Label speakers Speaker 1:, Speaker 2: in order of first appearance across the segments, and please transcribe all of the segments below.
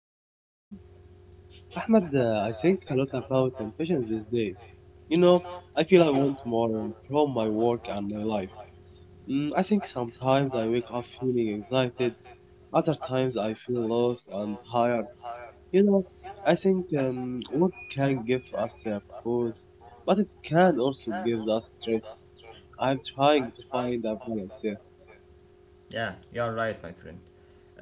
Speaker 1: my friend. Thank you.
Speaker 2: Ahmed, I think a lot about ambitions these days. You know, I feel I want more from my work and my life. I think sometimes I wake up feeling excited, other times I feel lost and tired. You know, I think work can give us a pause, but it can also give us stress. I'm trying to find a balance here.
Speaker 1: Yeah, you're right, my friend.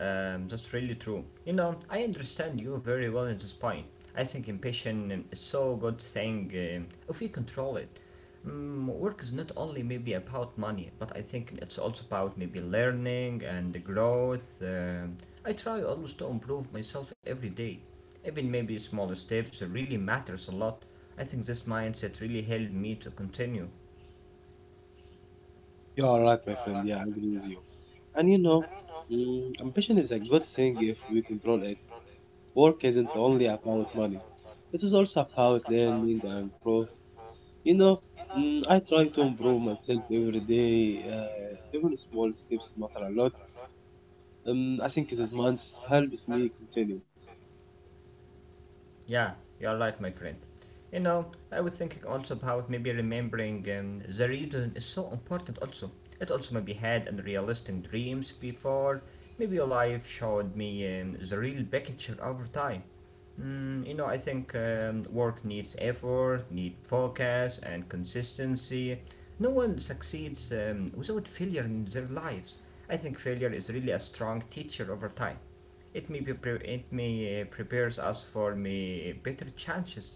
Speaker 1: That's really true. You know, I understand you very well in this point. I think impatience is so good thing if we control it. Mm, work is not only maybe about money, but I think it's also about maybe learning and growth. I try always to improve myself every day. Even maybe small steps really matters a lot. I think this mindset really helped me to continue.
Speaker 2: You are right, my friend. Yeah, I agree with you. And you know, ambition is a good thing if we control it. Work isn't only about money, it is also about learning and growth. You know, I try to improve myself every day, even small steps matter a lot. I think this month helps me continue.
Speaker 1: Yeah, you're right, my friend. You know, I was thinking also about maybe remembering the reason is so important also. It also maybe had unrealistic dreams before. Maybe your life showed me the real picture over time. Mm, you know, I think work needs effort, need focus and consistency. No one succeeds without failure in their lives. I think failure is really a strong teacher over time. It may prepares us for me better chances.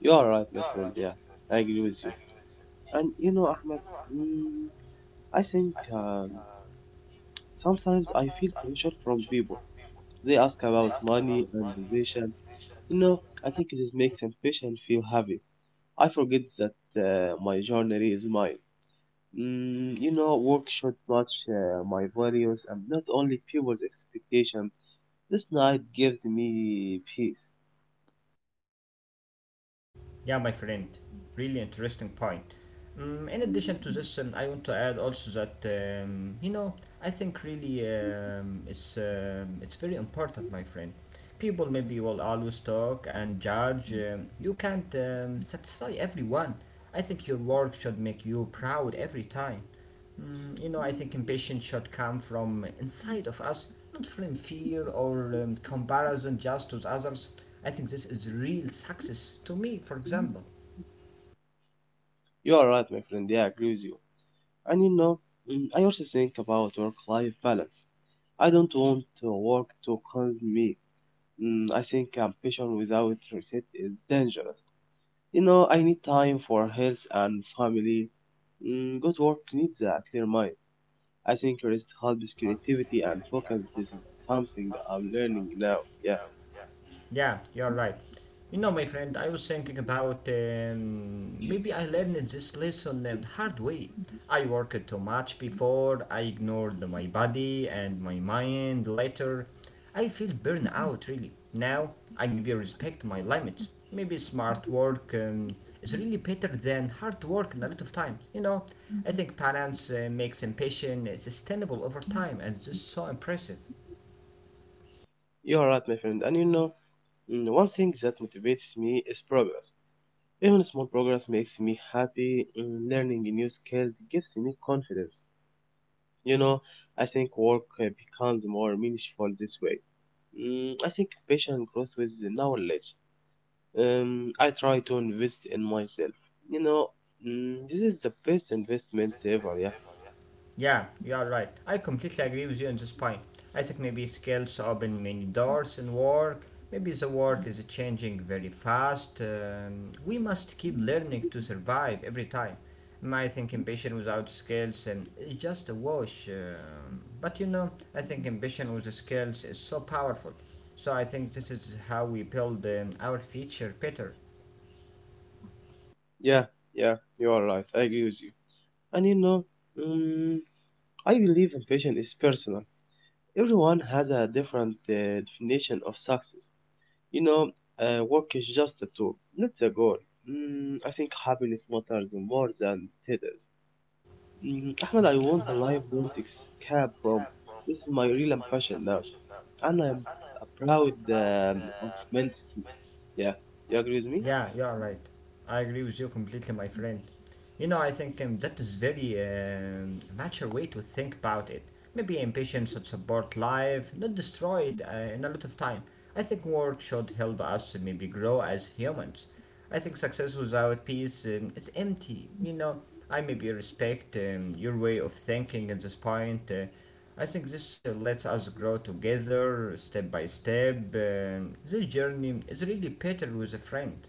Speaker 2: You are right, my friend, yeah, I agree with you. And you know, Ahmed, mm, I think sometimes I feel pressure from people. They ask about money and position, you know, I think this makes ambition feel heavy. I forget that my journey is mine. You know, work should match my values and not only people's expectation. This night gives me peace.
Speaker 1: Yeah, my friend, really interesting point. In addition to this, I want to add also that you know I think really it's very important, my friend. People maybe will always talk and judge. You can't satisfy everyone. I think your work should make you proud every time. Mm, you know, I think ambition should come from inside of us, not from fear or comparison just with others. I think this is real success to me, for example.
Speaker 2: You are right, my friend. Yeah, I agree with you. And you know, I also think about work-life balance. I don't want to work to consume me. I think ambition without reset is dangerous. You know, I need time for health and family. Good work needs a clear mind. I think rest helps creativity and focus. This is something I'm learning now. Yeah,
Speaker 1: Yeah, you're right. You know, my friend, I was thinking about maybe I learned this lesson the hard way. I worked too much before, I ignored my body and my mind later. I feel burned out really. Now, I maybe respect my limits. Maybe smart work is really better than hard work in a lot of times. You know, I think balance makes ambition sustainable over time, and it's so impressive.
Speaker 2: you are right, my friend. And you know, one thing that motivates me is progress. Even small progress makes me happy. Learning new skills gives me confidence. You know, I think work becomes more meaningful this way. I think passion grows with the knowledge. I try to invest in myself. You know, this is the best investment ever. Yeah.
Speaker 1: Yeah, you are right. I completely agree with you on this point. I think maybe skills open many doors in work. Maybe the work is changing very fast. We must keep learning to survive every time. I think ambition without skills is just a wash. But you know, I think ambition with the skills is so powerful. So I think this is how we build our future better.
Speaker 2: Yeah, yeah, you are right. I agree with you. And you know, mm, I believe ambition is personal. Everyone has a different definition of success. You know, work is just a tool, not the goal. I think happiness matters more than titles. Ahmed, I want a life don't escape from. This is my real ambition now, and I'm proud of immensity. Yeah, you agree with me?
Speaker 1: Yeah, you're right. I agree with you completely, my friend. You know, I think that is very mature way to think about it. Maybe impatience should support life, not destroy it in a lot of time. I think work should help us to maybe grow as humans. I think success without peace, it's empty. You know, I maybe respect your way of thinking at this point. I think this lets us grow together, step by step. This journey is really better with a friend.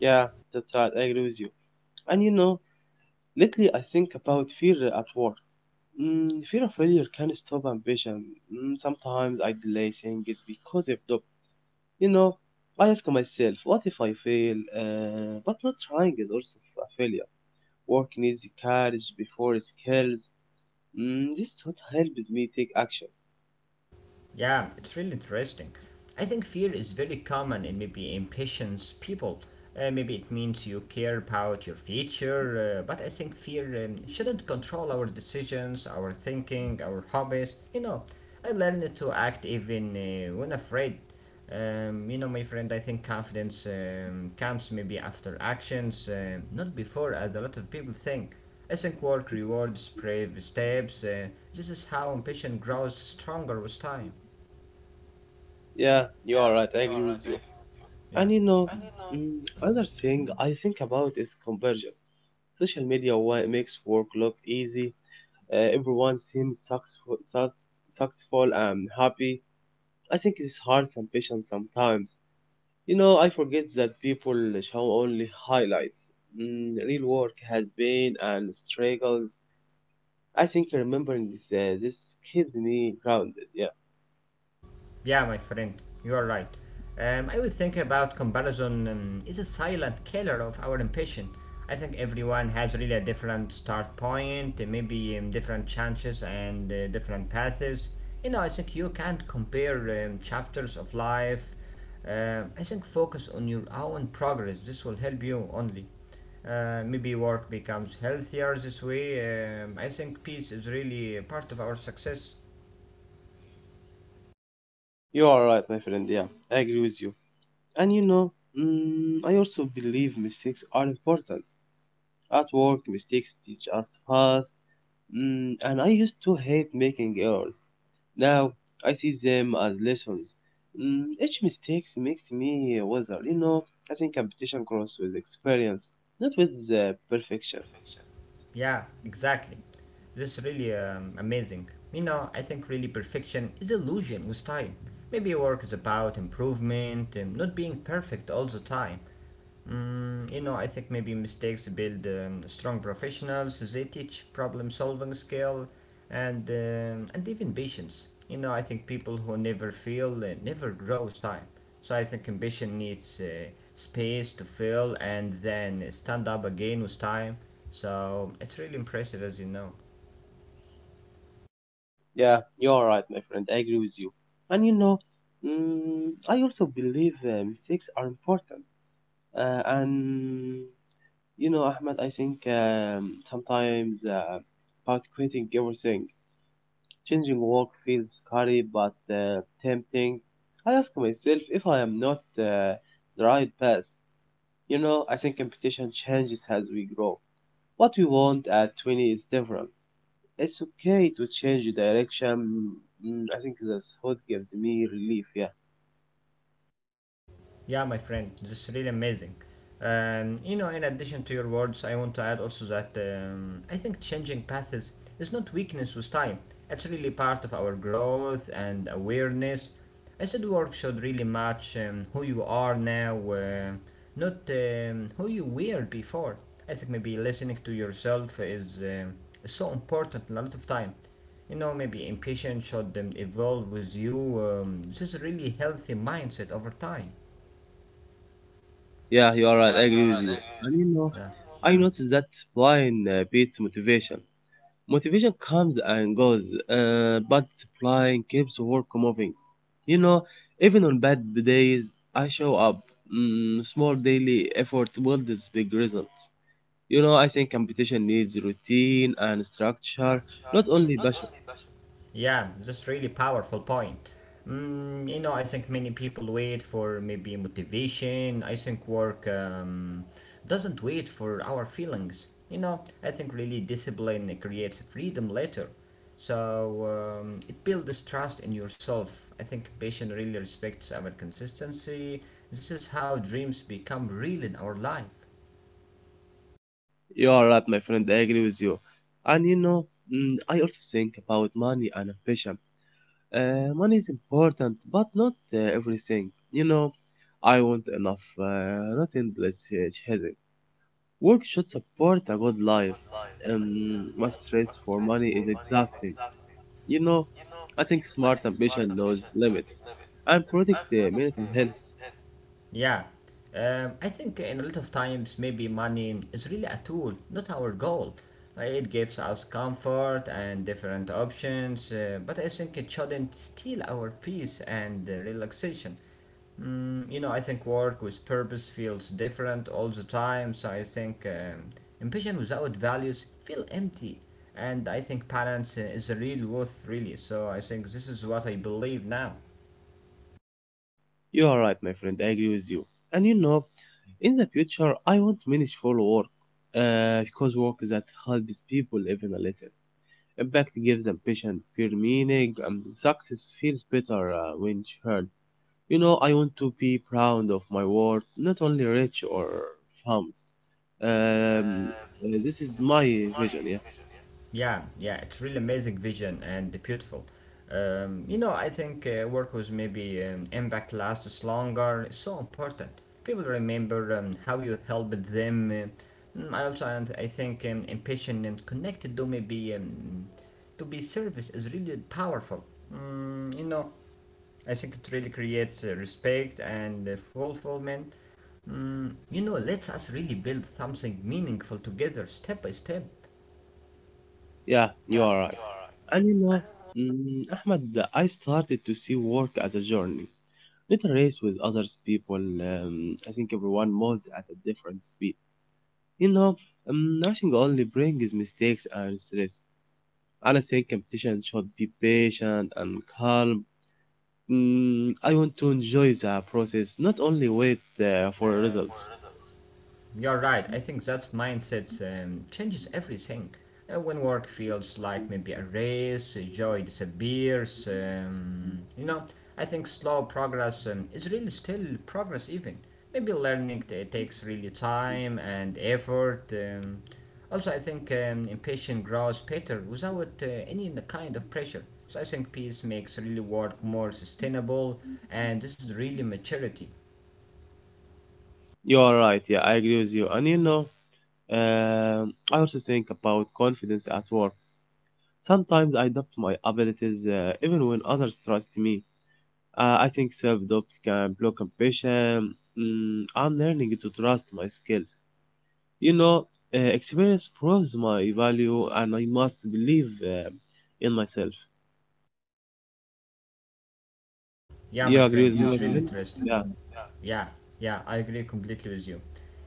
Speaker 2: Yeah, that's right. I agree with you. And you know, lately, I think about fear at work. Fear of failure can stop ambition. Sometimes I delay things because of doubt. You know, I ask myself, what if I fail? But not trying is also a failure. Work needs courage before skills. This thought helps me take action.
Speaker 1: Yeah, it's really interesting. I think fear is very common and maybe impatience people. Maybe it means you care about your future, but I think fear shouldn't control our decisions, our thinking, our hobbies. You know, I learned to act even when afraid. You know, my friend, I think confidence comes maybe after actions, not before, as a lot of people think. I think work rewards brave steps. This is how ambition grows stronger with time.
Speaker 2: Yeah, you are right. I agree with you.
Speaker 1: Yeah.
Speaker 2: And you know, another thing I think about is conversion. Social media makes work look easy. Everyone seems successful, successful and happy. I think it's hard ambition sometimes. You know, I forget that people show only highlights. Real work has been and struggles. I think remembering this keeps me grounded. Yeah,
Speaker 1: Yeah, my friend, you are right. I will think about comparison is a silent killer of our ambition. I think everyone has really a different start point, maybe different chances and different paths. You know, I think you can't compare chapters of life. I think focus on your own progress. This will help you only. Maybe work becomes healthier this way. I think peace is really a part of our success.
Speaker 2: you are right, my friend. Yeah, I agree with you. And you know, I also believe mistakes are important. At work, mistakes teach us fast, and I used to hate making errors. Now I see them as lessons. Each mistake makes me wiser. You know, I think competition grows with experience, not with perfection.
Speaker 1: Yeah, exactly. This is really amazing. You know, I think really perfection is illusion with time. Maybe work is about improvement and not being perfect all the time. Mm, you know, I think maybe mistakes build strong professionals. They teach problem-solving skill and even patience. You know, I think people who never fail never grows time. So I think ambition needs space to fail and then stand up again with time. So it's really impressive, as you know.
Speaker 2: Yeah, you're right, my friend. I agree with you. And you know, I also believe mistakes are important. And You know, Ahmed, I think sometimes about quitting everything, changing work feels scary but tempting. I ask myself if I am not the right path. You know, I think competition changes as we grow. What we want at 20 is different. It's okay to change the direction. I think that's what gives me relief. Yeah.
Speaker 1: Yeah, my friend, that's really amazing. You know, in addition to your words, I want to add also that I think changing paths is not weakness with time. It's really part of our growth and awareness. I said work should really match who you are now, not who you were before. I think maybe listening to yourself is so important a lot of time. You know, maybe impatience should evolve with you. This is a really healthy mindset over time.
Speaker 2: Yeah, you are right. I agree with you. And you know,
Speaker 1: Yeah,
Speaker 2: I noticed that wine beats motivation. Motivation comes and goes, but supplying keeps work moving. You know, even on bad days, I show up. Small daily effort builds big results. You know, I think competition needs routine and structure, not only passion.
Speaker 1: yeah, just really powerful point. Mm, you know, I think many people wait for maybe motivation. I think work doesn't wait for our feelings. You know, I think really discipline creates freedom later. So it builds trust in yourself. I think patient really respects our consistency. This is how dreams become real in our life.
Speaker 2: You are right, my friend. I agree with you. And you know, I also think about money and ambition. Money is important, but not everything. You know, I want enough, not endless chasing. Work should support a good life. But stress for money is exhausting. You know, I think smart ambition knows limits and protect the mental health.
Speaker 1: Yeah, I think in a lot of times maybe money is really a tool, not our goal. It gives us comfort and different options, but I think it shouldn't steal our peace and relaxation. Mm, you know, I think work with purpose feels different all the time, so I think ambition without values feel empty. And I think balance is the real worth, really. So I think this is what I believe now.
Speaker 2: You are right, my friend. I agree with you. And you know, in the future, I want meaningful work because work that helps people even a little. Impact gives ambition, pure meaning, and success feels better when shared. You know, I want to be proud of my work, not only rich or famous. Um, this is my vision. Yeah,
Speaker 1: Yeah, it's really amazing vision and beautiful. You know, I think work was maybe impact lasts longer. It's so important. People remember how you helped them. Mm, I also, and I think, impatient and connected to maybe to be service is really powerful. Mm, you know, I think it really creates respect and fulfillment. Mm, you know, lets us really build something meaningful together, step by step.
Speaker 2: yeah, you are right. And you know, Ahmed, I started to see work as a journey, not a race with others people. I think everyone moves at a different speed. You know, rushing only brings mistakes and stress. And I think competition should be patient and calm. I want to enjoy the process, not only wait for results.
Speaker 1: You're right. I think that mindset changes everything. When work feels like maybe a race, joy disappears. You know, I think slow progress is really still progress. Even maybe takes really time and effort. Also, I think impatient grows better without any kind of pressure. So I think peace makes really work more sustainable, and this is really maturity.
Speaker 2: You are right. Yeah, I agree with you. And you know, I also think about confidence at work. Sometimes I doubt my abilities, even when others trust me. I think self-doubt can block ambition. I'm learning to trust my skills. You know, experience proves my value, and I must believe in myself.
Speaker 1: Yeah,
Speaker 2: You
Speaker 1: my
Speaker 2: agree
Speaker 1: friend,
Speaker 2: with me,
Speaker 1: it's
Speaker 2: my
Speaker 1: really
Speaker 2: friend?
Speaker 1: interesting.
Speaker 2: Yeah.
Speaker 1: Yeah, yeah, I agree completely with you.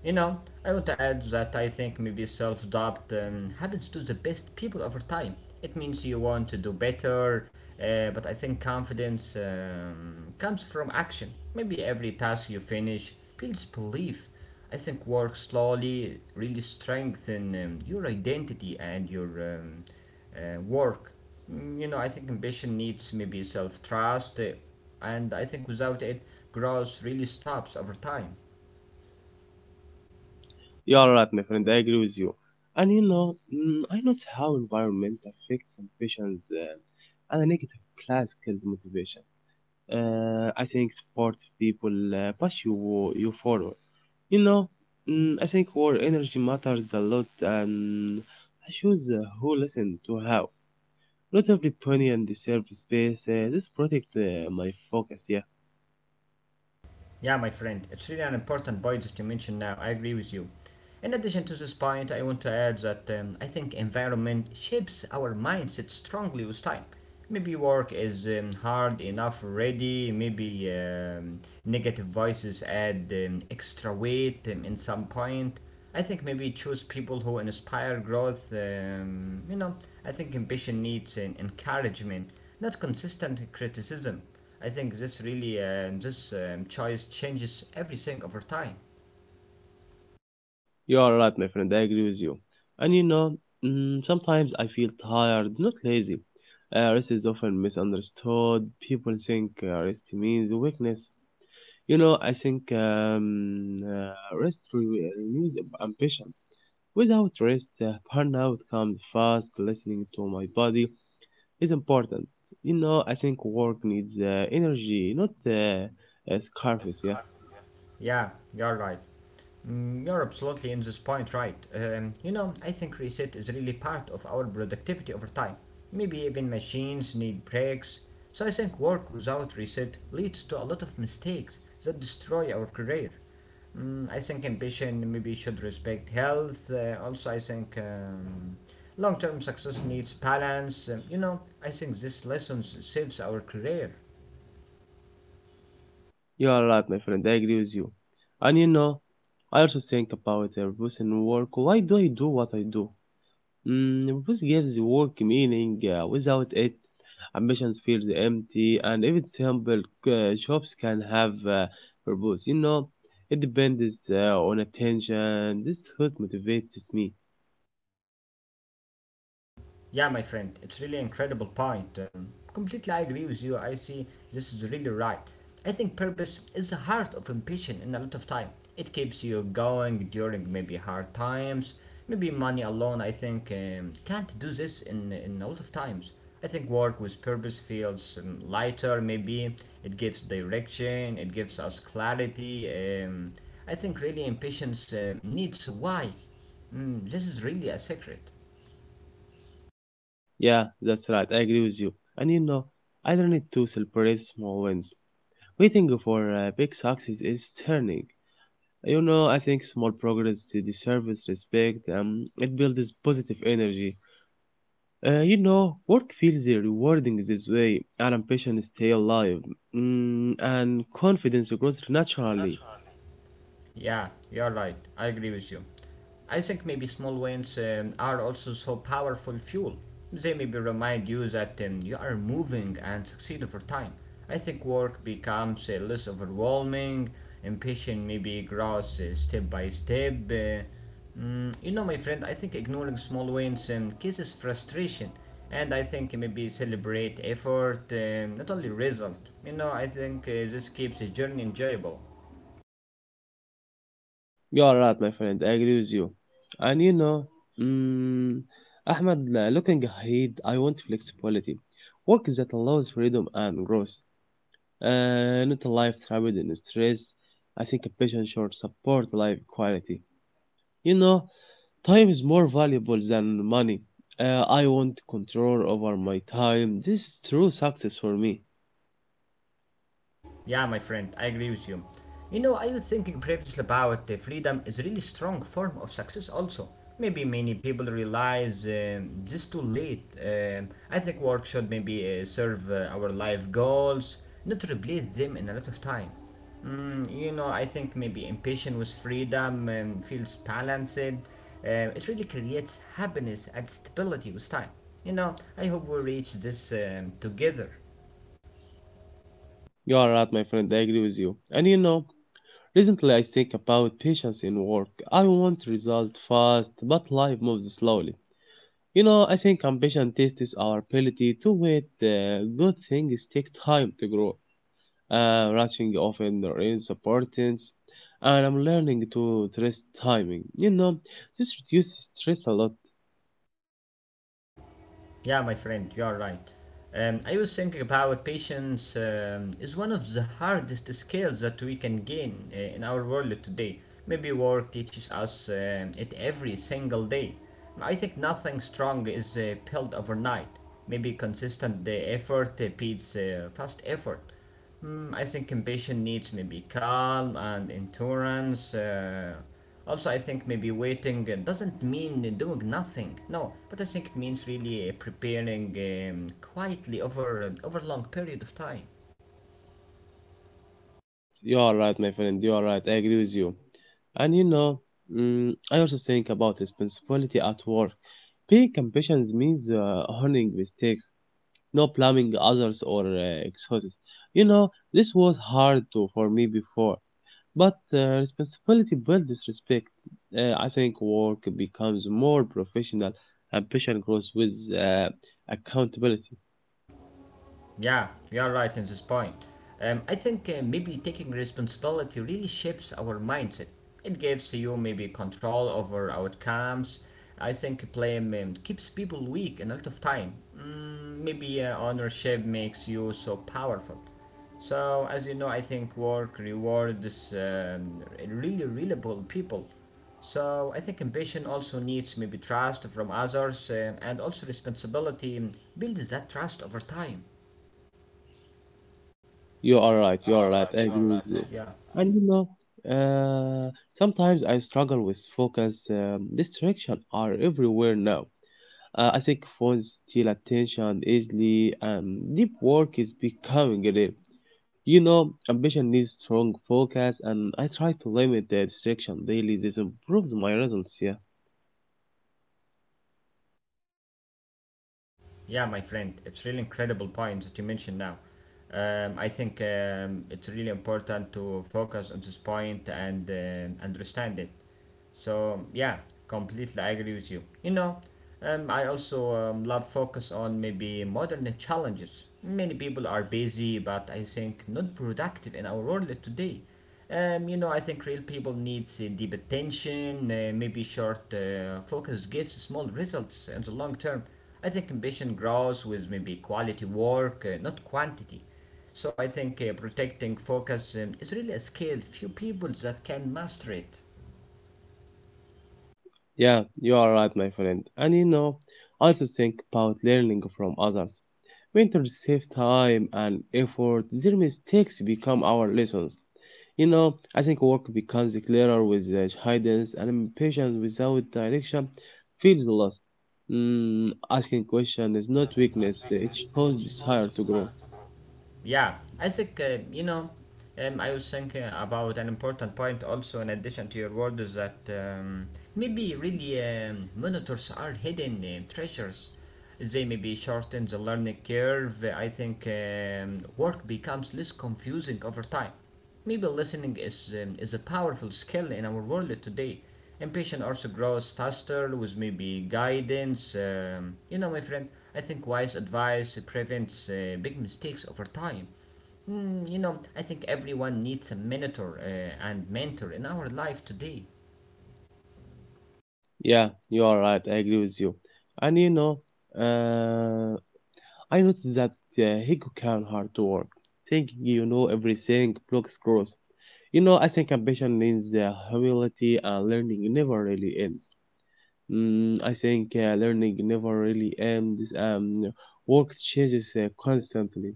Speaker 1: You know, I want to add that I think maybe self doubt happens to the best people over time. It means you want to do better, but I think confidence comes from action. Maybe every task you finish builds belief. I think work slowly really strengthen your identity and your work. Mm, you know, I think ambition needs maybe self trust, and I think without it, growth really stops over time.
Speaker 2: You are right, my friend. I agree with you. And you know, I notice how environment affects some patients and a negative class kills motivation. I think sports people push you forward. You know, I think our energy matters a lot, and I choose who listen to how. Not every opinion deserves space. This protect my focus. Yeah.
Speaker 1: Yeah, my friend, it's really an important point that you mentioned now. I agree with you. In addition to this point, I want to add that I think environment shapes our mindset strongly with time. Maybe work is hard enough already, maybe negative voices add extra weight in some point. I think maybe choose people who inspire growth. You know, I think ambition needs an encouragement, not consistent criticism. I think this choice changes everything over time.
Speaker 2: You are right, my friend. I agree with you. And you know, sometimes I feel tired, not lazy. Rest is often misunderstood. People think rest means weakness. You know, I think rest renews ambition. Without rest, burnout comes fast. Listening to my body is important. You know, I think work needs energy, not scarves, yeah.
Speaker 1: Yeah, you're right. Mm, you're absolutely in this point right. You know, I think reset is really part of our productivity over time. Maybe even machines need breaks. So I think work without reset leads to a lot of mistakes that destroy our career. Mm, I think ambition maybe should respect health. Also, I think long term success needs balance. You know, I think this saves our career.
Speaker 2: You are right, my friend. I agree with you. And you know, I also think about purpose in work. Why do I do what I do? Purpose gives the work meaning. Without it, ambitions feels empty. And if simple humble, jobs can have purpose. You know, it depends on attention. This is what motivates me.
Speaker 1: Yeah, my friend, it's really incredible point. Completely, I agree with you. I see this is really right. I think purpose is the heart of ambition in a lot of time. It keeps you going during maybe hard times. Maybe money alone, I think, can't do this in a lot of times. I think work with purpose feels lighter, maybe it gives direction, it gives us clarity. I think really impatience needs why. Mm, this is really a secret.
Speaker 2: Yeah, that's right. I agree with you. And you know, I don't need to celebrate small wins. Waiting for big success is turning. You know, I think small progress deserves respect. It builds positive energy. You know, work feels rewarding this way, and ambition stay alive, and confidence grows naturally.
Speaker 1: Yeah, you're right. I agree with you. I think maybe small wins are also so powerful fuel. They maybe remind you that you are moving and succeed over time. I think work becomes less overwhelming, ambition maybe grows step by step. You know, my friend, I think ignoring small wins causes frustration, and I think maybe celebrate effort, not only result. You know, I think this keeps the journey enjoyable.
Speaker 2: You are right, my friend. I agree with you. And you know, mm, Ahmed, looking ahead, I want flexibility, work that allows freedom and growth, not a life trapped in stress. I think ambition should support life quality. You know, time is more valuable than money. I want control over my time. This is true success for me.
Speaker 1: Yeah, my friend, I agree with you. You know, I was thinking previously about freedom is a really strong form of success also. Maybe many people realize this too late. I think work should maybe serve our life goals, not replace them in a lot of time. Mm, you know, I think maybe impatient with freedom feels balanced. It really creates happiness and stability with time. You know, I hope we reach this together.
Speaker 2: You are right, my friend. I agree with you. And you know, recently I think about patience in work. I want result fast, but life moves slowly. You know, I think ambition tests our ability to wait. Good things take time to grow. Rushing often earns importance, and I'm learning to trust timing. You know, this reduces stress a lot.
Speaker 1: Yeah, my friend, you are right. I was thinking about patience is one of the hardest skills that we can gain in our world today. Maybe work teaches us it every single day. I think nothing strong is built overnight. Maybe consistent effort beats fast effort. I think ambition needs maybe calm and endurance. Also, I think maybe waiting doesn't mean doing nothing. No, but I think it means really preparing quietly over over a long period of time.
Speaker 2: You are right, my friend. You are right. I agree with you. And you know, I also think about responsibility at work. Being ambitions means honoring mistakes, not blaming others or excuses. You know, this was hard to, for me before, but responsibility builds respect. I think work becomes more professional. Ambition grows with uh, accountability.
Speaker 1: Yeah, you're right in this point. I think maybe taking responsibility really shapes our mindset. It gives you maybe control over outcomes. I think blame keeps people weak a lot of time. Mm, maybe ownership makes you so powerful. So, as you know, I think work rewards really reliable people. So, I think ambition also needs maybe trust from others and also responsibility builds that trust over time.
Speaker 2: You are right. I agree with you. And you know, uh, sometimes I struggle with focus. Distractions are everywhere now. I think phones steal attention easily, and deep work is becoming rare. You know, ambition needs strong focus, and I try to limit the distraction daily. This improves my results. Yeah.
Speaker 1: Yeah, my friend, it's really incredible point that you mentioned now. I think it's really important to focus on this point and understand it. So yeah, completely I agree with you. You know, I also love focus on maybe modern challenges. Many people are busy, but I think not productive in our world today. You know, I think real people need deep attention, maybe short focus gives small results in the long term. I think ambition grows with maybe quality work, not quantity. So I think protecting focus is really a skill few people that can master it.
Speaker 2: Yeah, you are right, my friend. And you know, I also think about learning from others. When to save time and effort, their mistakes become our lessons. You know, I think work becomes clearer with the guidance and patience. Without direction feels lost. Mm, asking question is not weakness, it shows desire to grow.
Speaker 1: Yeah, I think, you know, I was thinking about an important point also in addition to your words, that maybe really monitors are hidden treasures. They maybe shorten the learning curve. I think work becomes less confusing over time. Maybe listening is a powerful skill in our world today. And also grows faster with maybe guidance. You know, my friend, I think wise advice prevents big mistakes over time. Mm, you know, I think everyone needs a mentor and mentor in our life today.
Speaker 2: Yeah, you are right, I agree with you. And you know, uh, I noticed that uh, ego can hard to work. Thinking you know everything blocks growth. You know, I think ambition means humility and learning never really ends. Mm, I think learning never really ends. Work changes constantly.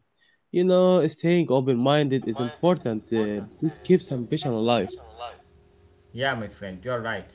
Speaker 2: You know, staying open minded is important. This keeps ambition alive.
Speaker 1: Yeah, my friend, you're right.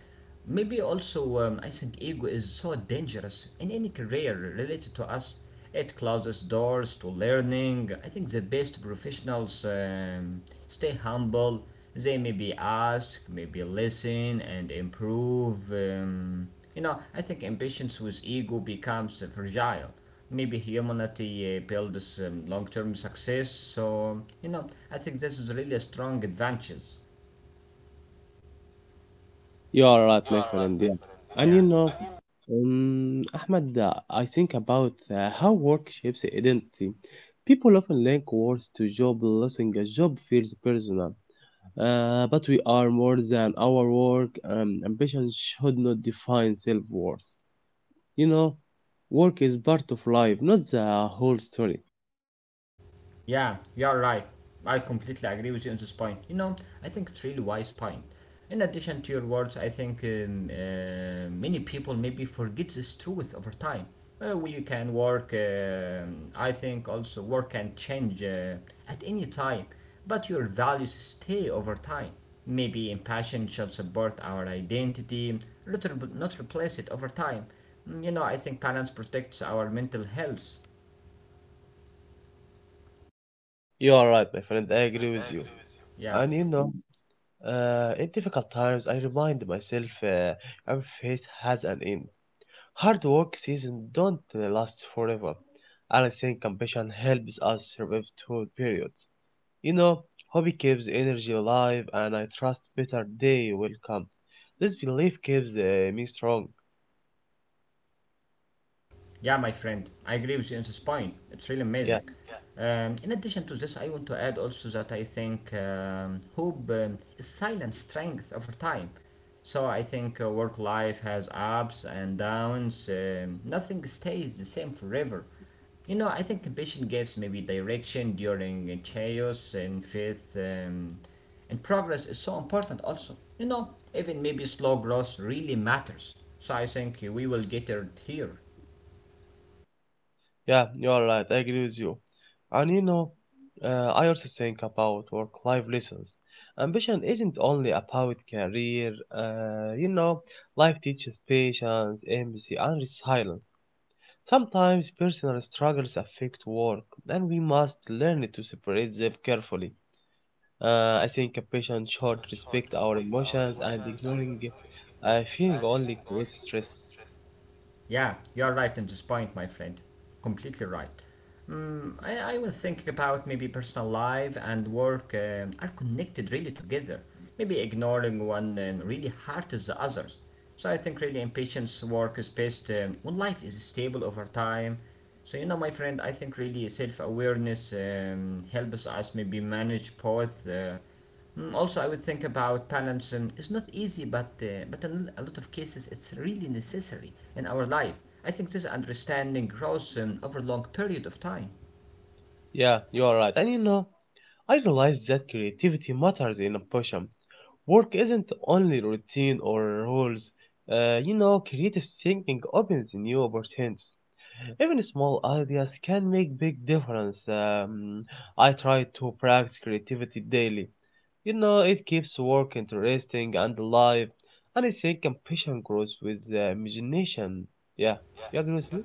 Speaker 1: Maybe also, I think ego is so dangerous in any career related to us. It closes doors to learning. I think the best professionals stay humble. They maybe ask, maybe listen, and improve. You know, I think impatience with ego becomes fragile. Maybe humanity builds long-term success. So, you know, I think this is really a strong advantage.
Speaker 2: You are right, my friend. Yeah. And you
Speaker 1: Yeah.
Speaker 2: know, Ahmed, I think about how work shapes identity. People often link words to job, losing a job feels personal. But we are more than our work. Ambition should not define self-worth. You know, work is part of life, not the whole story.
Speaker 1: Yeah, you're right. I completely agree with you on this point. You know, I think it's really wise point. In addition to your words, I think many people maybe forget this truth over time. We can work. I think also work can change at any time, but your values stay over time. Maybe passion should support our identity, not replace it over time. Mm, you know, I think balance protects our mental health.
Speaker 2: You are right, my friend. I agree with you.
Speaker 1: Yeah.
Speaker 2: And you know, in difficult times, I remind myself every phase has an end. Hard work seasons don't last forever. I think compassion helps us survive through periods. You know, hobby keeps energy alive, and I trust better day will come. This belief keeps me strong.
Speaker 1: Yeah, my friend, I agree with you on this point. It's really
Speaker 2: Yeah,
Speaker 1: amazing. In addition to this, I want to add also that I think hope is silent strength over time. So I think work life has ups and downs. Nothing stays the same forever. You know, I think ambition gives maybe direction during chaos and faith and progress is so important also. You know, even maybe slow growth really matters. So I think we will get it here.
Speaker 2: yeah, you are right. I agree with you. And you know, I also think about work-life lessons. Ambition isn't only about career. You know, life teaches patience, empathy, and resilience. Sometimes personal struggles affect work, and we must learn to separate them carefully. I think a patient should respect our emotions, and ignoring feeling only creates stress.
Speaker 1: Yeah, you're right in this point, my friend. Completely right. I was thinking about maybe personal life and work are connected really together. Maybe ignoring one really hurts the others. So I think really impatience work is best when life is stable over time. So you know, my friend, I think really self-awareness helps us maybe manage both mm, also, I would think about balance. It's not easy, but but in a lot of cases, it's really necessary in our life. I think this understanding grows over a long period of time.
Speaker 2: Yeah, you are right. And you know, I realize that creativity matters in a passion. Work isn't only routine or rules. You know, creative thinking opens new opportunities. Even small ideas can make big difference. I try to practice creativity daily. You know, it keeps work interesting and alive, and I think ambition grows with imagination. Yeah, you agree with me?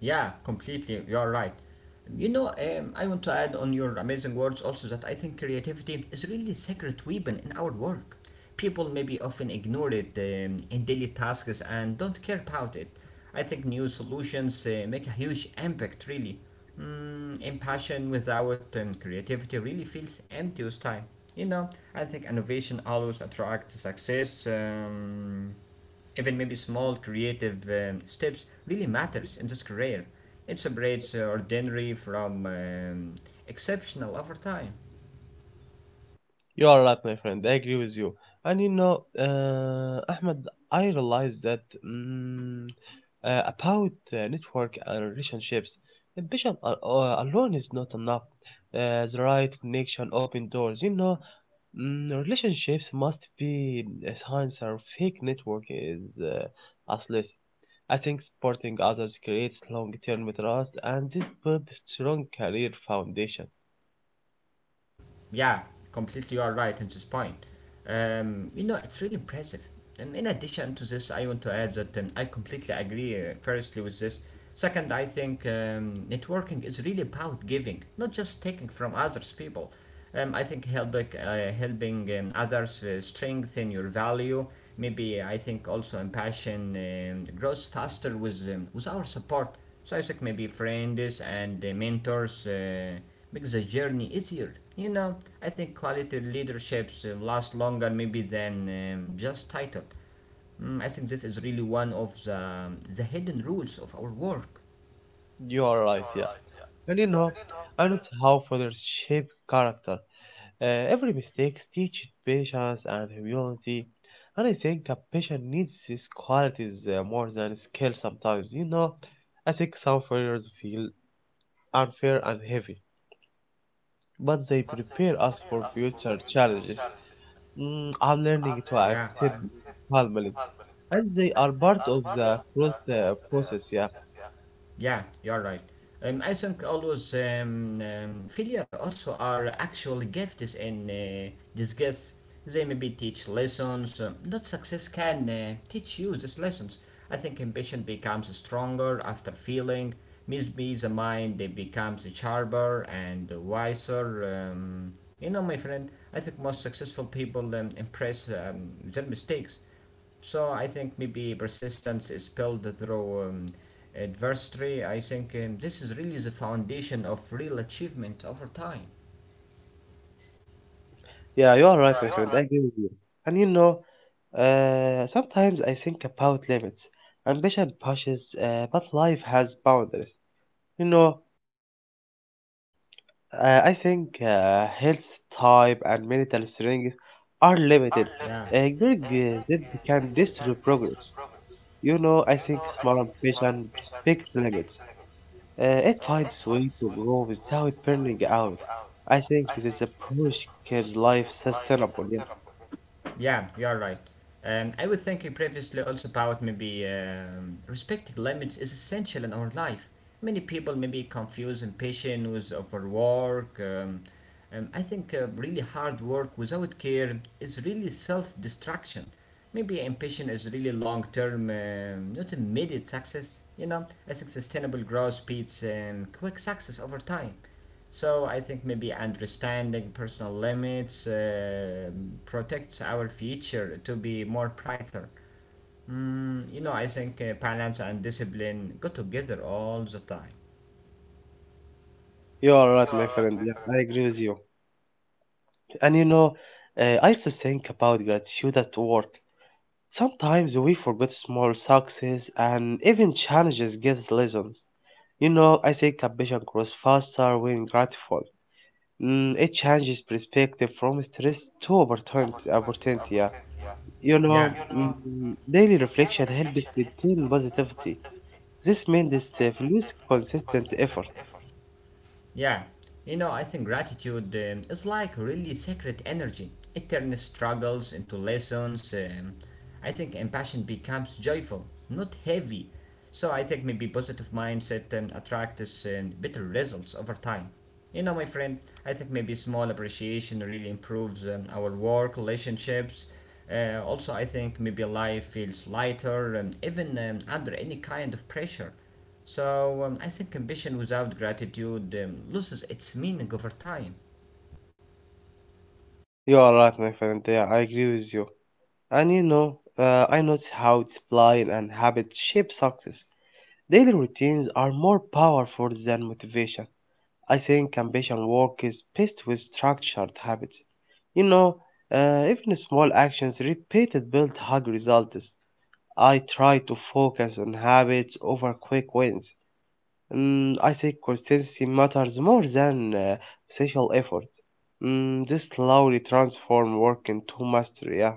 Speaker 1: Yeah, completely. You're right. You know, I want to add on your amazing words also that I think creativity is really secret weapon in our work. People maybe often ignore it in daily tasks and don't care about it. I think new solutions make a huge impact, really. Mm, impassion without creativity really feels empty with time. You know, I think innovation always attracts success. Even maybe small creative steps really matters in this career. It separates ordinary from exceptional over time.
Speaker 2: You are right, my friend. I agree with you. And you know, Ahmed, I realize that about network and relationships. Ambition alone is not enough. The right connection open doors. You know, mm, relationships must be a science or fake network is useless. I think supporting others creates long-term trust, and this builds strong career foundation.
Speaker 1: Yeah, completely you are right in this point. You know, it's really impressive. And in addition to this, I want to add that I completely agree, firstly, with this. Second, I think networking is really about giving, not just taking from others people. I think helping others strengthen your value. Maybe I think also impassion grows faster with our support. So I think maybe friends and mentors. Makes the journey easier. You know, I think quality leaderships last longer maybe than just title. Mm, I think this is really one of the hidden rules of our work.
Speaker 2: You are right, yeah. And you know, and it's how fathers shape character. Every mistake teaches patience and humility, and I think a patient needs these qualities more than skill sometimes. You know, I think some failures feel unfair and heavy, but they prepare us for future challenges. Mm, I'm learning to
Speaker 1: Yeah.
Speaker 2: accept calmly, and they are part of the process. Yeah.
Speaker 1: Yeah, you're right. I think all those failure also are actual gifts in disguise. They maybe teach lessons. Not success can teach you these lessons. I think ambition becomes stronger after feeling. Maybe the mind it becomes sharper and wiser. You know, my friend, I think most successful people impress their mistakes. So I think maybe persistence is built through adversity. I think this is really the foundation of real achievement over time.
Speaker 2: Yeah, you are right, my friend. I agree with you. And you know, sometimes I think about limits. Ambition pushes, but life has boundaries. You know, I think health type and mental strength are limited.
Speaker 1: Yeah.
Speaker 2: Ignoring them can destroy progress. You know, I think small ambition respects limits. It finds way to grow without burning out. I think this approach keeps life sustainable. Yeah.
Speaker 1: Yeah, you're right. I was thinking previously also about maybe respecting limits is essential in our life. Many people maybe be confused and patient with overwork. I think really hard work without care is really self destruction. Maybe ambition is really long term, not immediate success. You know, I think sustainable growth beats quick success over time. So I think maybe understanding personal limits protects our future to be more brighter. Mm, you know, I think balance and discipline go together all the time.
Speaker 2: You are right, my friend. Yeah, I agree with you. And you know, I also think about gratitude at work. Sometimes we forget small successes and even challenges gives lessons. You know, I think ambition grows faster when grateful. Mm, it changes perspective from stress to opportunity. Opportunity, yeah. You
Speaker 1: Yeah.
Speaker 2: know, mm, daily reflection helps maintain positivity. This means this produce consistent effort.
Speaker 1: Yeah, you know, I think gratitude is like really sacred energy. It turns struggles into lessons. I think compassion becomes joyful, not heavy. So I think maybe positive mindset attracts better results over time. You know, my friend, I think maybe small appreciation really improves our work, relationships. Also, I think maybe life feels lighter, even under any kind of pressure. So I think ambition without gratitude loses its meaning over time.
Speaker 2: You are right, my friend. Yeah, I agree with you. And you know, I notice how discipline and habit shape success. Daily routines are more powerful than motivation. I think ambition work is best with structured habits. You know, even small actions repeated build high results. I try to focus on habits over quick wins. Mm, I think consistency matters more than social effort. Mm, this slowly transform work into mastery. Yeah.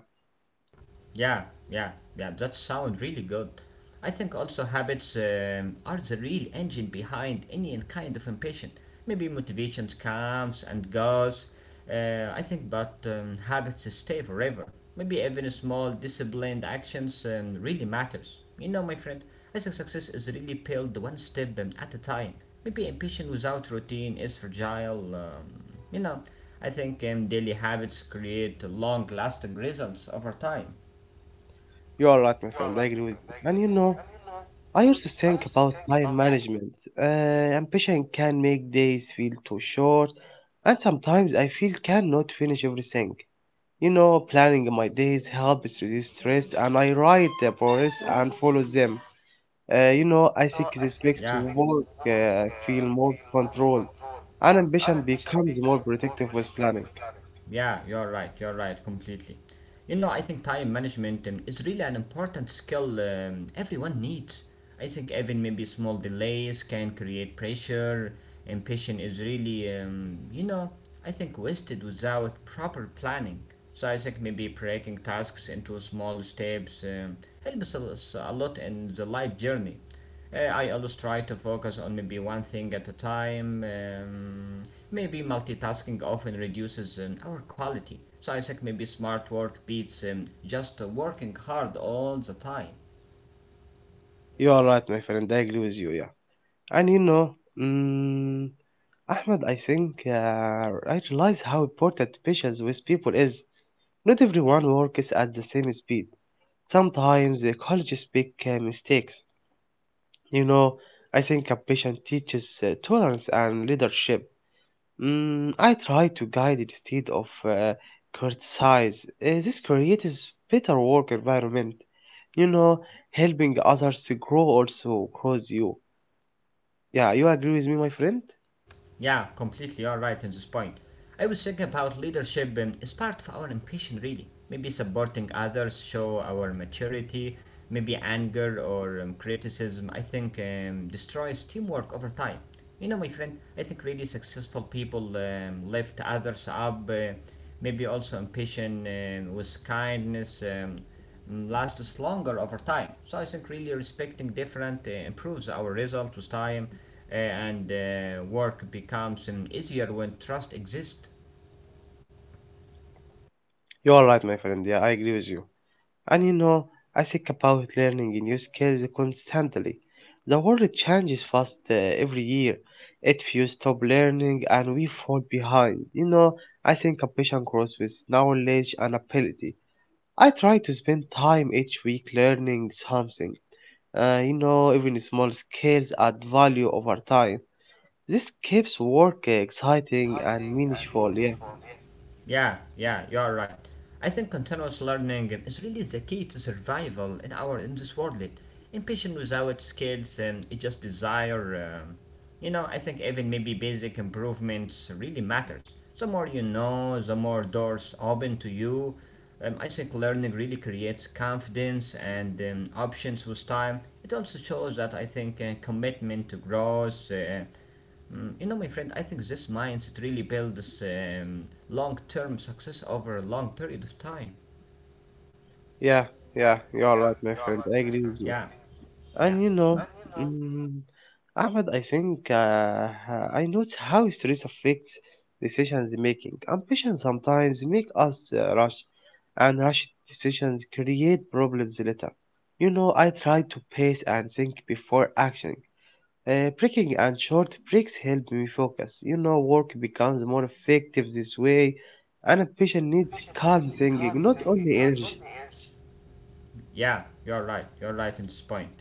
Speaker 1: Yeah, yeah, yeah, that sounds really good. I think also habits are the real engine behind any kind of impatient. Maybe motivations comes and goes. I think, but habits stay forever. Maybe even small disciplined actions really matters. You know, my friend, I think success is really built one step at a time. Maybe impatient without routine is fragile. You know, I think daily habits create long-lasting results over time.
Speaker 2: You are right, my friend. I agree with you. And you know, I also think about time management. Uh, Ambition can make days feel too short, and sometimes I feel cannot finish everything. You know, planning my days helps reduce stress, and I write the progress and follow them. You know, I think this makes
Speaker 1: Yeah,
Speaker 2: work feel more controlled, and ambition becomes more protective with planning.
Speaker 1: yeah, you're right, completely. You know, I think time management is really an important skill everyone needs. I think even maybe small delays can create pressure, and patience is really, you know, I think wasted without proper planning. So I think maybe breaking tasks into small steps helps us a lot in the life journey. I always try to focus on maybe one thing at a time. Maybe multitasking often reduces our quality. So I think maybe smart work beats just working hard all the time.
Speaker 2: You are right, my friend. I agree with you. Yeah. And you know, mm, Ahmed, I realize how important patience with people is. Not everyone works at the same speed. Sometimes the colleges make mistakes. You know, I think a patient teaches tolerance and leadership. Mm, I try to guide instead of criticize. This creates better work environment. You know, helping others to grow also grows you. Yeah, you agree with me, my friend?
Speaker 1: Yeah, completely. You're right in this point. I was thinking about leadership as part of our ambition, really. Maybe supporting others show our maturity. Maybe anger or criticism, I think, destroys teamwork over time. You know, my friend, I think really successful people lift others up. Maybe also ambition with kindness lasts longer over time. So I think really respecting different improves our result with time and work becomes easier when trust exists.
Speaker 2: You are right, my friend. Yeah, I agree with you. And you know, I think about learning new skills constantly. The world changes fast every year. If you stop learning and we fall behind, you know, I think ambition grows with knowledge and ability. I try to spend time each week learning something. You know, even small skills add value over time. This keeps work exciting and meaningful. Yeah,
Speaker 1: Yeah, yeah, you are right. I think continuous learning is really the key to survival in our in this world. Impatience without skills and it just desire. I think even maybe basic improvements really matters. The more you know, the more doors open to you. I think learning really creates confidence and options with time. It also shows that I think commitment to growth. You know, my friend, I think this mindset really builds long-term success over a long period of time.
Speaker 2: yeah, yeah. You are right, my friend. I agree with you.
Speaker 1: Yeah.
Speaker 2: And you know, mm, Ahmed, I notice how stress affects decisions making. Ambition sometimes make us rush, and rushed decisions create problems later. You know, I try to pace and think before acting. Breaking and short breaks help me focus. You know, work becomes more effective this way, and ambition needs calm thinking, not only energy.
Speaker 1: Yeah, you're right. You're right in this point.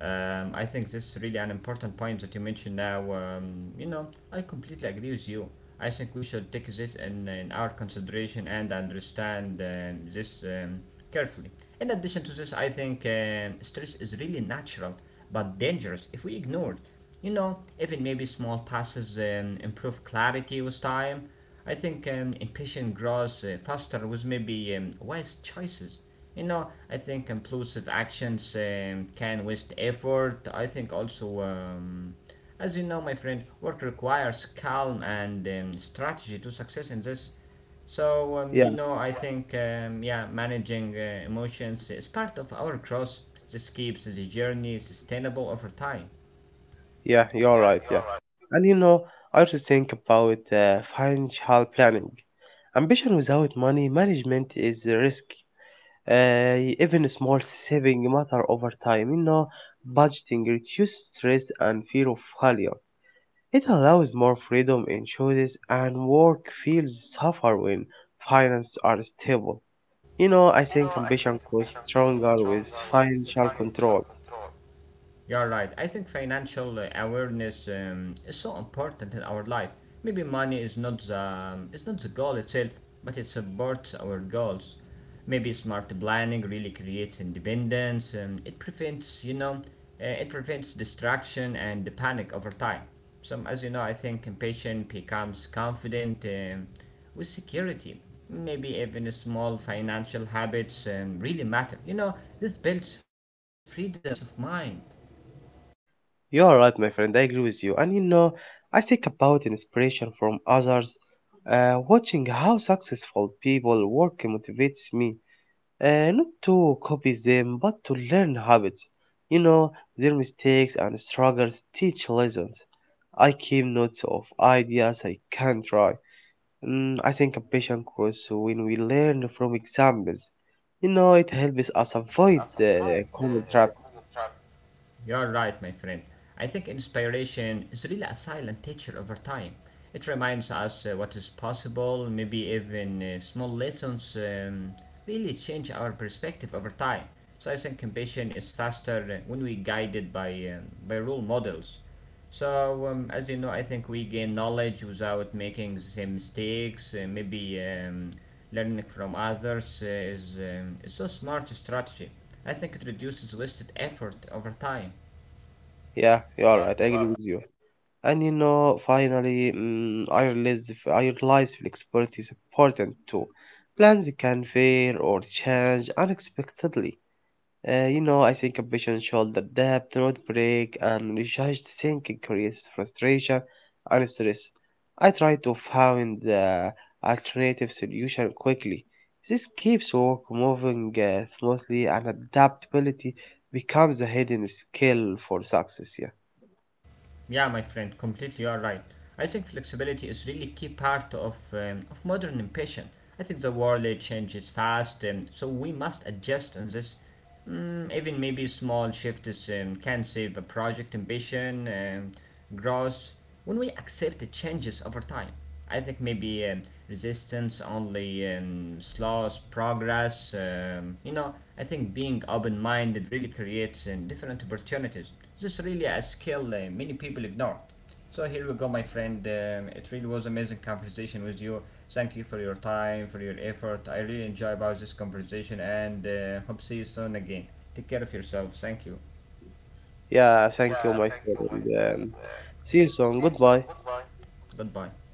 Speaker 1: I think this is really an important point that you mentioned now. I completely agree with you. I think we should take this in our consideration and understand this carefully. In addition to this, I think stress is really natural but dangerous if we ignore it. You know, even maybe small passes improve clarity with time. I think impatient grows faster with maybe wise choices. You know, I think inclusive actions can waste effort. I think also, as you know, my friend, work requires calm and strategy to success in this. So, I think, yeah, managing emotions is part of our cross. This keeps the journey sustainable over time.
Speaker 2: Yeah, you're right. Yeah. And you know, I also think about financial planning. Ambition without money management is a risk. Uh, Even small saving matter over time. You know, budgeting reduces stress and fear of failure. It allows more freedom in choices, and work feels suffer when finances are stable. You know, I think ambition grows stronger with financial control.
Speaker 1: You're right. I think financial awareness is so important in our life. Maybe money is not the it's not the goal itself, but it supports our goals. Maybe smart planning really creates independence. It prevents it prevents distraction and the panic over time. So as you know, I think impatient becomes confident with security. Maybe even small financial habits really matter. You know, this builds freedom and peace of mind.
Speaker 2: You are right, my friend. I agree with you. And you know, I think about inspiration from others. Watching how successful people work motivates me. Not to copy them, but to learn habits. You know, their mistakes and struggles teach lessons. I keep notes of ideas I can try. Mm, I think ambition grows when we learn from examples. You know, it helps us avoid the common traps.
Speaker 1: You're right, my friend. I think inspiration is really a silent teacher over time. It reminds us what is possible, maybe even small lessons really change our perspective over time. So I think ambition is faster when we guided by role models. So, as you know, I think we gain knowledge without making the same mistakes. Maybe learning from others is a smart strategy. I think it reduces wasted effort over time.
Speaker 2: Yeah, you are right. I agree with you. And you know, finally, mm, I realized flexibility is important too. Plans can fail or change unexpectedly. You know, I think a patient should adapt, road break, and recharged thinking creates frustration and stress. I try to find the alternative solution quickly. This keeps work moving smoothly, and adaptability becomes a hidden skill for success. Yeah.
Speaker 1: Yeah, my friend, completely you are right. I think flexibility is really key part of modern ambition. I think the world changes fast, so we must adjust on this. Even maybe small shifts can save a project ambition, growth. When we accept the changes over time, I think maybe resistance only slows progress. I think being open minded really creates different opportunities. This is really a skill many people ignore. So here we go, my friend. It really was amazing conversation with you. Thank you for your time, for your effort. I really enjoy about this conversation, and hope see you soon again. Take care of yourself. Thank you.
Speaker 2: Yeah, thank you, my friend. See you soon. Goodbye.
Speaker 1: Goodbye.